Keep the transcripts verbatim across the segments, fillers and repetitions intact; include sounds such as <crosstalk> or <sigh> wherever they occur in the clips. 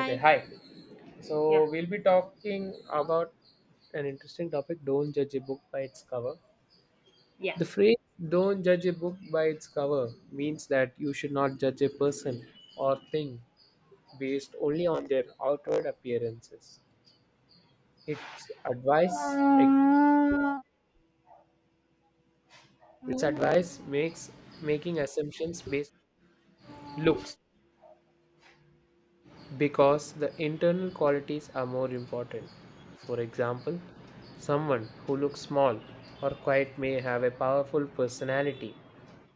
Okay, hi. So we'll be talking about an interesting topic, don't judge a book by its cover. Yeah, The phrase don't judge a book by its cover means that you should not judge a person or thing based only on their outward appearances. Its advice its advice makes making assumptions based on looks because the internal qualities are more important. For example, someone who looks small or quiet may have a powerful personality,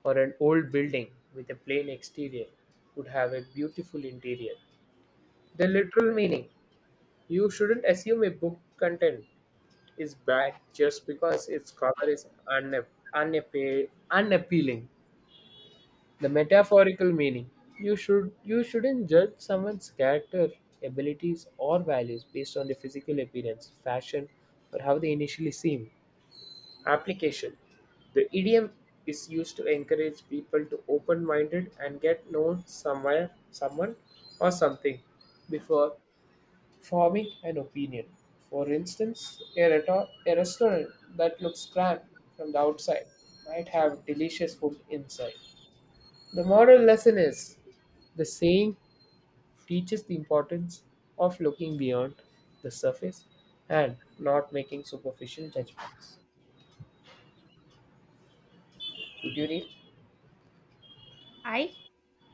or an old building with a plain exterior could have a beautiful interior. The literal meaning, you shouldn't assume a book content is bad just because its cover is unap- unappe- unappealing. The metaphorical meaning. You should you shouldn't judge someone's character, abilities or values based on their physical appearance, fashion, or how they initially seem. Application. The idiom is used to encourage people to open-minded and get known somewhere, someone or something before forming an opinion. For instance, a, reto- a restaurant that looks grand from the outside might have delicious food inside. The moral lesson is the saying teaches the importance of looking beyond the surface and not making superficial judgments. Would you read? I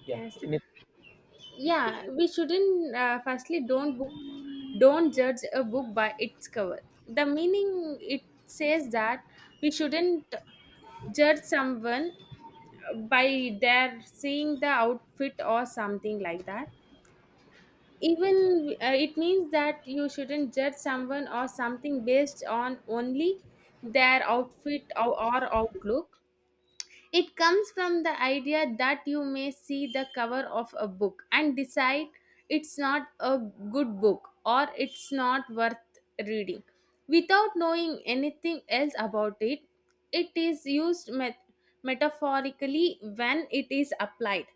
Yeah. Yes. In it- Yeah, we shouldn't. Uh, firstly, don't book, don't judge a book by its cover. The meaning it says that we shouldn't judge someone uh, by their seeing the outfit or something like that. Even uh, it means that you shouldn't judge someone or something based on only their outfit or, or outlook. It comes from the idea that you may see the cover of a book and decide it's not a good book or it's not worth reading. Without knowing anything else about it, it is used met- metaphorically when it is applied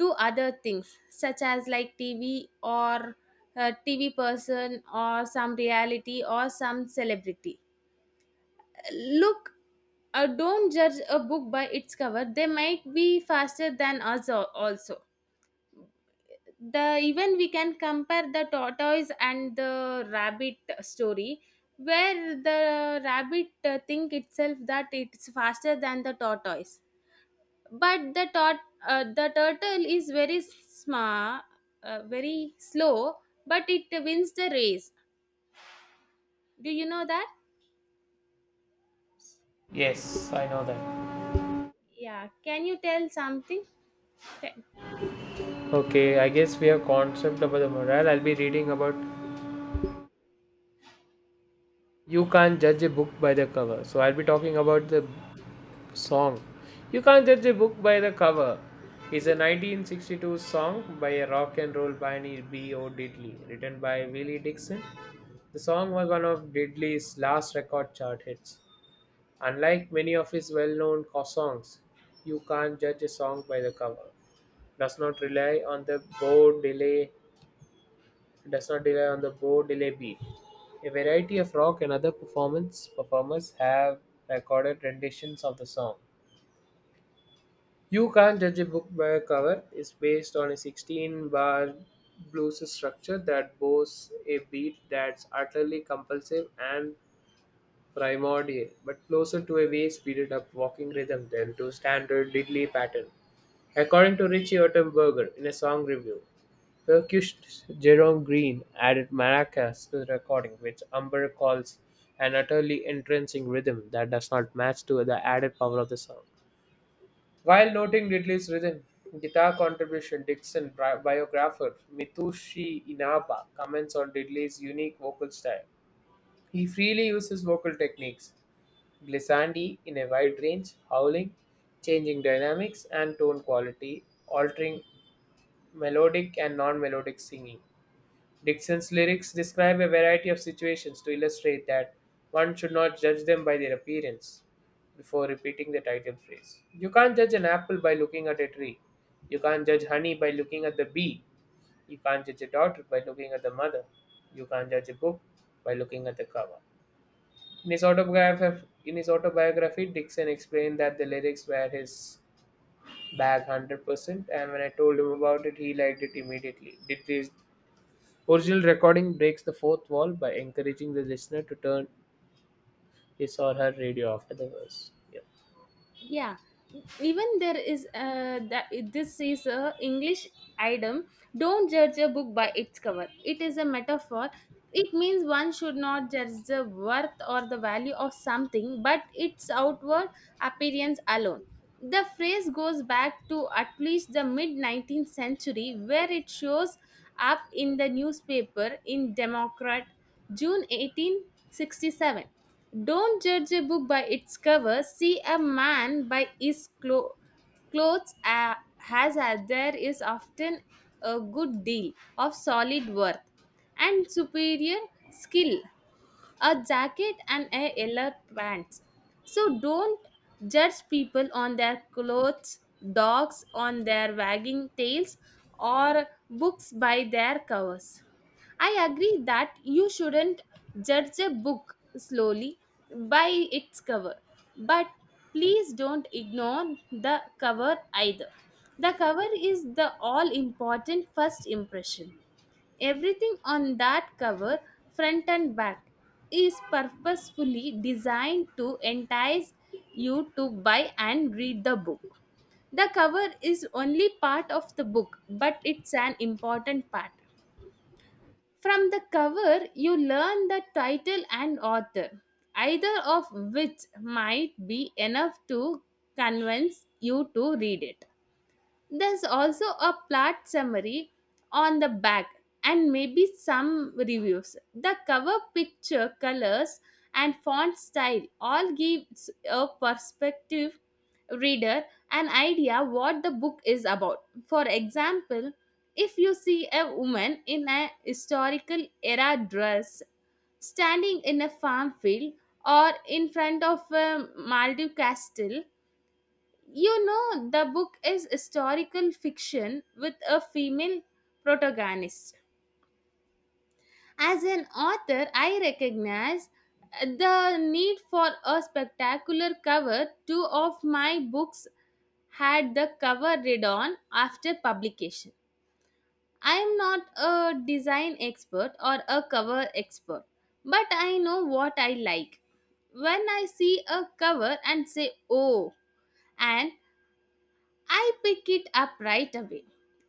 to other things such as like T V or a T V person or some reality or some celebrity. Look, uh, don't judge a book by its cover. They might be faster than us al- also. The even we can compare the tortoise and the rabbit story, where the rabbit uh, think itself that it's faster than the tortoise, but the tort uh, the turtle is very smart, uh, very slow, but it wins the race. Do you know that? Yes, I know that. Yeah. Can you tell something? Okay, I guess we have concept about the moral. I'll be reading about you can't judge a book by the cover. So I'll be talking about the song. You can't judge a book by the cover. It's a nineteen sixty-two song by a rock and roll pioneer B O. Diddley, written by Willie Dixon. The song was one of Diddley's last record chart hits. Unlike many of his well known songs, You Can't Judge a Song by the Cover does not rely on the bow delay, does not rely on the bow delay beat. A variety of rock and other performance performers have recorded renditions of the song. You Can't Judge a Book by a Cover, it's based on a sixteen bar blues structure that boasts a beat that's utterly compulsive and primordial, but closer to a way speeded up walking rhythm than to standard diddly pattern. According to Richie Ottenberger in a song review, percussionist Jerome Green added maracas to the recording, which Umber calls an utterly entrancing rhythm that does not match to the added power of the song. While noting Ridley's rhythm guitar contribution, Dixon bi- biographer Mitsushi Inaba comments on Ridley's unique vocal style. He freely uses vocal techniques, glissandi in a wide range, howling, changing dynamics and tone quality, altering melodic and non melodic singing. Dixon's lyrics describe a variety of situations to illustrate that one should not judge them by their appearance before repeating the title phrase. You can't judge an apple by looking at a tree. You can't judge honey by looking at the bee. You can't judge a daughter by looking at the mother. You can't judge a book by looking at the cover. In his autobiography, in his autobiography Dixon explained that the lyrics were his bag one hundred percent, and when I told him about it, he liked it immediately. Did this, original recording breaks the fourth wall by encouraging the listener to turn his or her radio after the verse. Yeah. Yeah, even there is uh, that this is a english idiom, don't judge a book by its cover, it is a metaphor. It means one should not judge the worth or the value of something but its outward appearance alone. The phrase goes back to at least the mid nineteenth century, where it shows up in the newspaper in democrat june eighteen sixty-seven. Don't judge a book by its cover. See a man by his clo- clothes, uh, as uh, there is often a good deal of solid worth and superior skill, a jacket and a yellow pants. So don't judge people on their clothes, dogs on their wagging tails, or books by their covers. I agree that you shouldn't judge a book slowly by its cover, but please don't ignore the cover either. The cover is the all important first impression. Everything on that cover, front and back, is purposefully designed to entice you to buy and read the book. The cover is only part of the book, but it's an important part. From the cover, you learn the title and author, either of which might be enough to convince you to read it. There's also a plot summary on the back and maybe some reviews. The cover picture, colors, and font style all gives a perspective reader an idea what the book is about. For example, if you see a woman in a historical era dress standing in a farm field or in front of a Maldive castle, you know, the book is historical fiction with a female protagonist. As an author, I recognize the need for a spectacular cover. Two of my books had the cover read on after publication. I am not a design expert or a cover expert, but I know what I like. When I see a cover and say, oh, and I picked it up right away.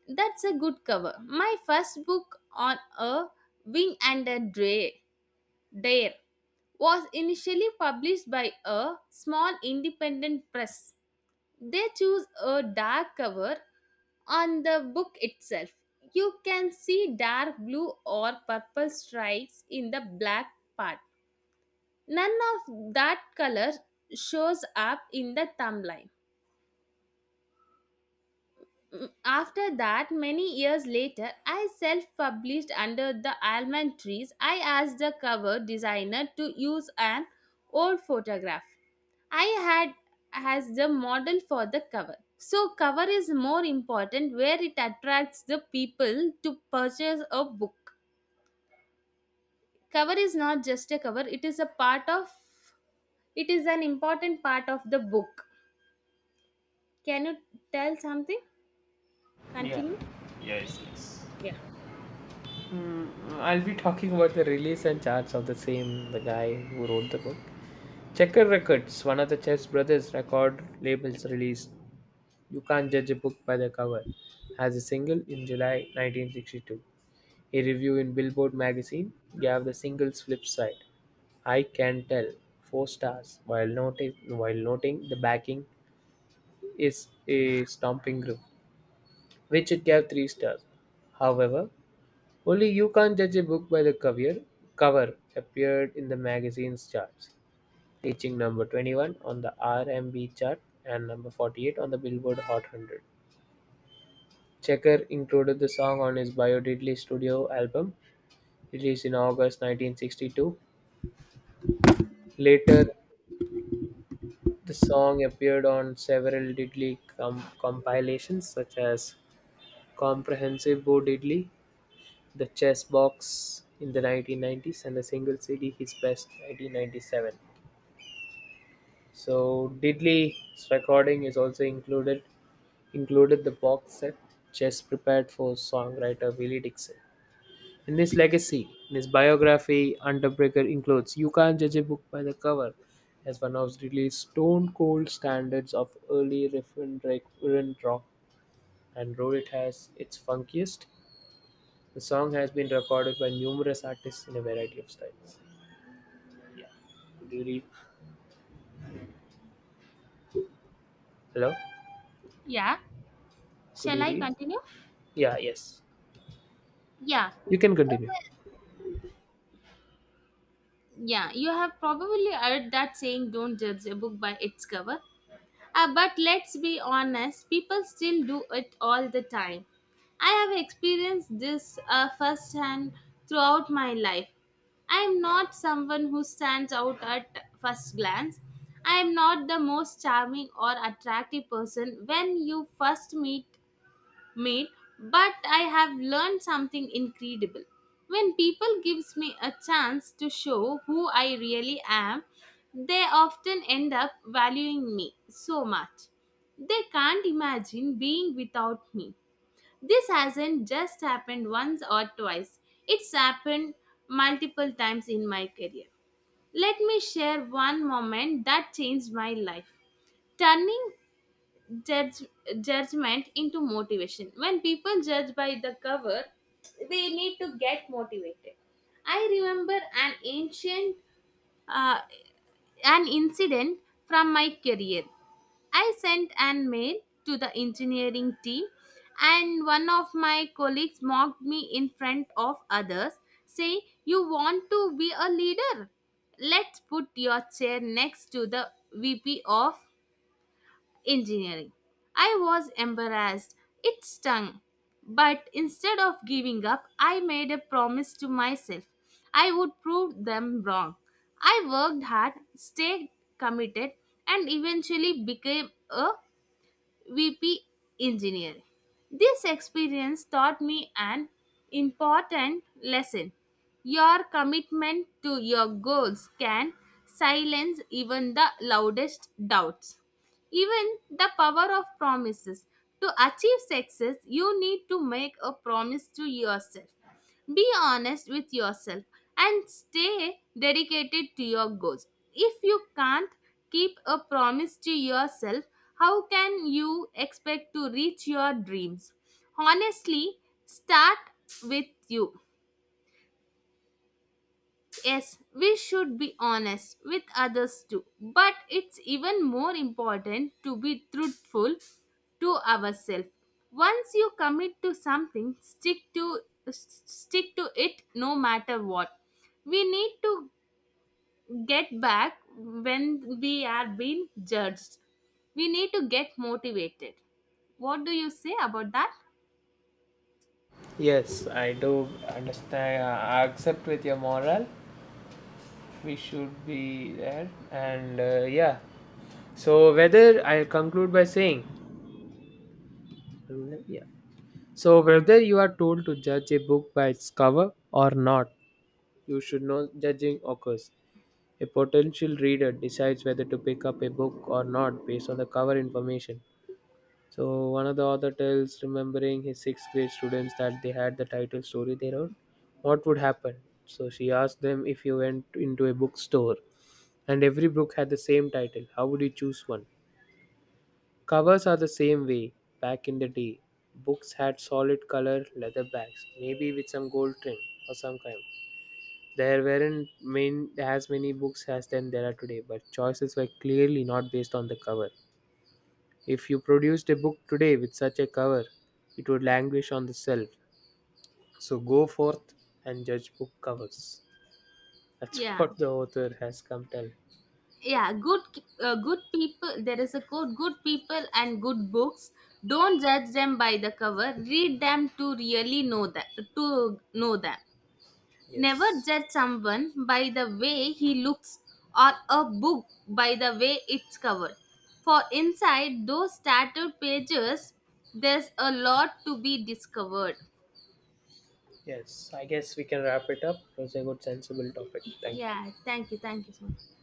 That's a good cover. My first book on a wing and a dray, dare was initially published by a small independent press. They choose a dark cover on the book itself. You can see dark blue or purple stripes in the black part. None of that color shows up in the thumbnail. Mm. After that, many years later, I self published under the almond trees. I asked the cover designer to use an old photograph I had as the model for the cover. So, cover is more important where it attracts the people to purchase a book. Cover is not just a cover, it is a part of it is an important part of the book. Can you tell something? Yeah. Continue? Yes. Yes. Yeah. Mm, I'll be talking about the release and charts of the same, the guy who wrote the book. Checker Records, one of the Chess Brothers record labels, released "You Can't Judge a Book by the Cover" as a single in July nineteen sixty-two. A review in Billboard magazine gave the single's flip side, "I Can Tell," four stars, while noting while noting the backing is a stomping groove, which it gave three stars. However, only "You Can't Judge a Book by the Cover" cover appeared in the magazine's charts, reaching number twenty-one on the R and B chart and number forty-eight on the Billboard Hot one hundred. Checker included the song on his Biodidly studio album, released in August nineteen sixty-two. Later, the song appeared on several Diddley com- compilations, such as Comprehensive Bo Diddley, The Chess Box in the nineteen nineties, and the single C D His Best nineteen ninety-seven. So Diddley's recording is also included included the box set Chess prepared for songwriter Willie Dixon. In this legacy, in his biography underbreaker includes "You Can't Judge a Book by the Cover" as one of really stone-cold standards of early Riffeldrach rock, and though it has its funkiest, the song has been recorded by numerous artists in a variety of styles. Yeah. Could you read? Hello? Yeah. Could Shall you I read? continue? Yeah, yes. Yeah. You can continue. Yeah, you have probably heard that saying, don't judge a book by its cover. Uh, but let's be honest, people still do it all the time. I have experienced this uh, firsthand throughout my life. I am not someone who stands out at first glance. I am not the most charming or attractive person when you first meet made but I have learned something incredible. When people gives me a chance to show who I really am, they often end up valuing me so much they can't imagine being without me. This hasn't just happened once or twice, it's happened multiple times in my career. Let me share one moment that changed my life. Turning judge judgment into motivation. When people judge by the cover, they need to get motivated. I remember an ancient uh, an incident from my career. I sent an mail to the engineering team, and one of my colleagues mocked me in front of others, saying, you want to be a leader, let's put your chair next to the V P of engineering. I was embarrassed. It stung. But instead of giving up, I made a promise to myself. I would prove them wrong. I worked hard, stayed committed, and eventually became a V P engineer. This experience taught me an important lesson. Your commitment to your goals can silence even the loudest doubts. Even the power of promises. To achieve success, you need to make a promise to yourself. Be honest with yourself and stay dedicated to your goals. If you can't keep a promise to yourself, how can you expect to reach your dreams? Honestly, start with you. Yes, we should be honest with others too, but it's even more important to be truthful to ourselves. Once you commit to something, stick to s- stick to it no matter what. We need to get back when we are being judged. We need to get motivated. What do you say about that? Yes, I do understand. I accept with your moral. We should be there. And uh, yeah, so whether I'll conclude by saying, yeah. So whether you are told to judge a book by its cover or not, you should know judging occurs. A potential reader decides whether to pick up a book or not based on the cover information. So one of the author tells, remembering his sixth grade students that they had the title story they wrote, what would happen? So she asked them, if you went into a bookstore and every book had the same title, how would you choose one? Covers are the same way. Back in the day, books had solid color leather backs, maybe with some gold trim or some kind. There weren't main, as many books as then there are today, but choices were clearly not based on the cover. If you produced a book today with such a cover, it would languish on the shelf. So go forth and judge book covers. That's <laughs> Yeah. what the author has come tell. Yeah, good. Uh, good people, there is a quote, good people and good books, don't judge them by the cover, read them to really know that to know them. Never Yes. judge someone by the way he looks, or a book by the way it's covered, for inside those tattered pages there's a lot to be discovered. Yes, I guess we can wrap it up. It was a good sensible topic. Thank you. Yeah, thank you, thank you so much.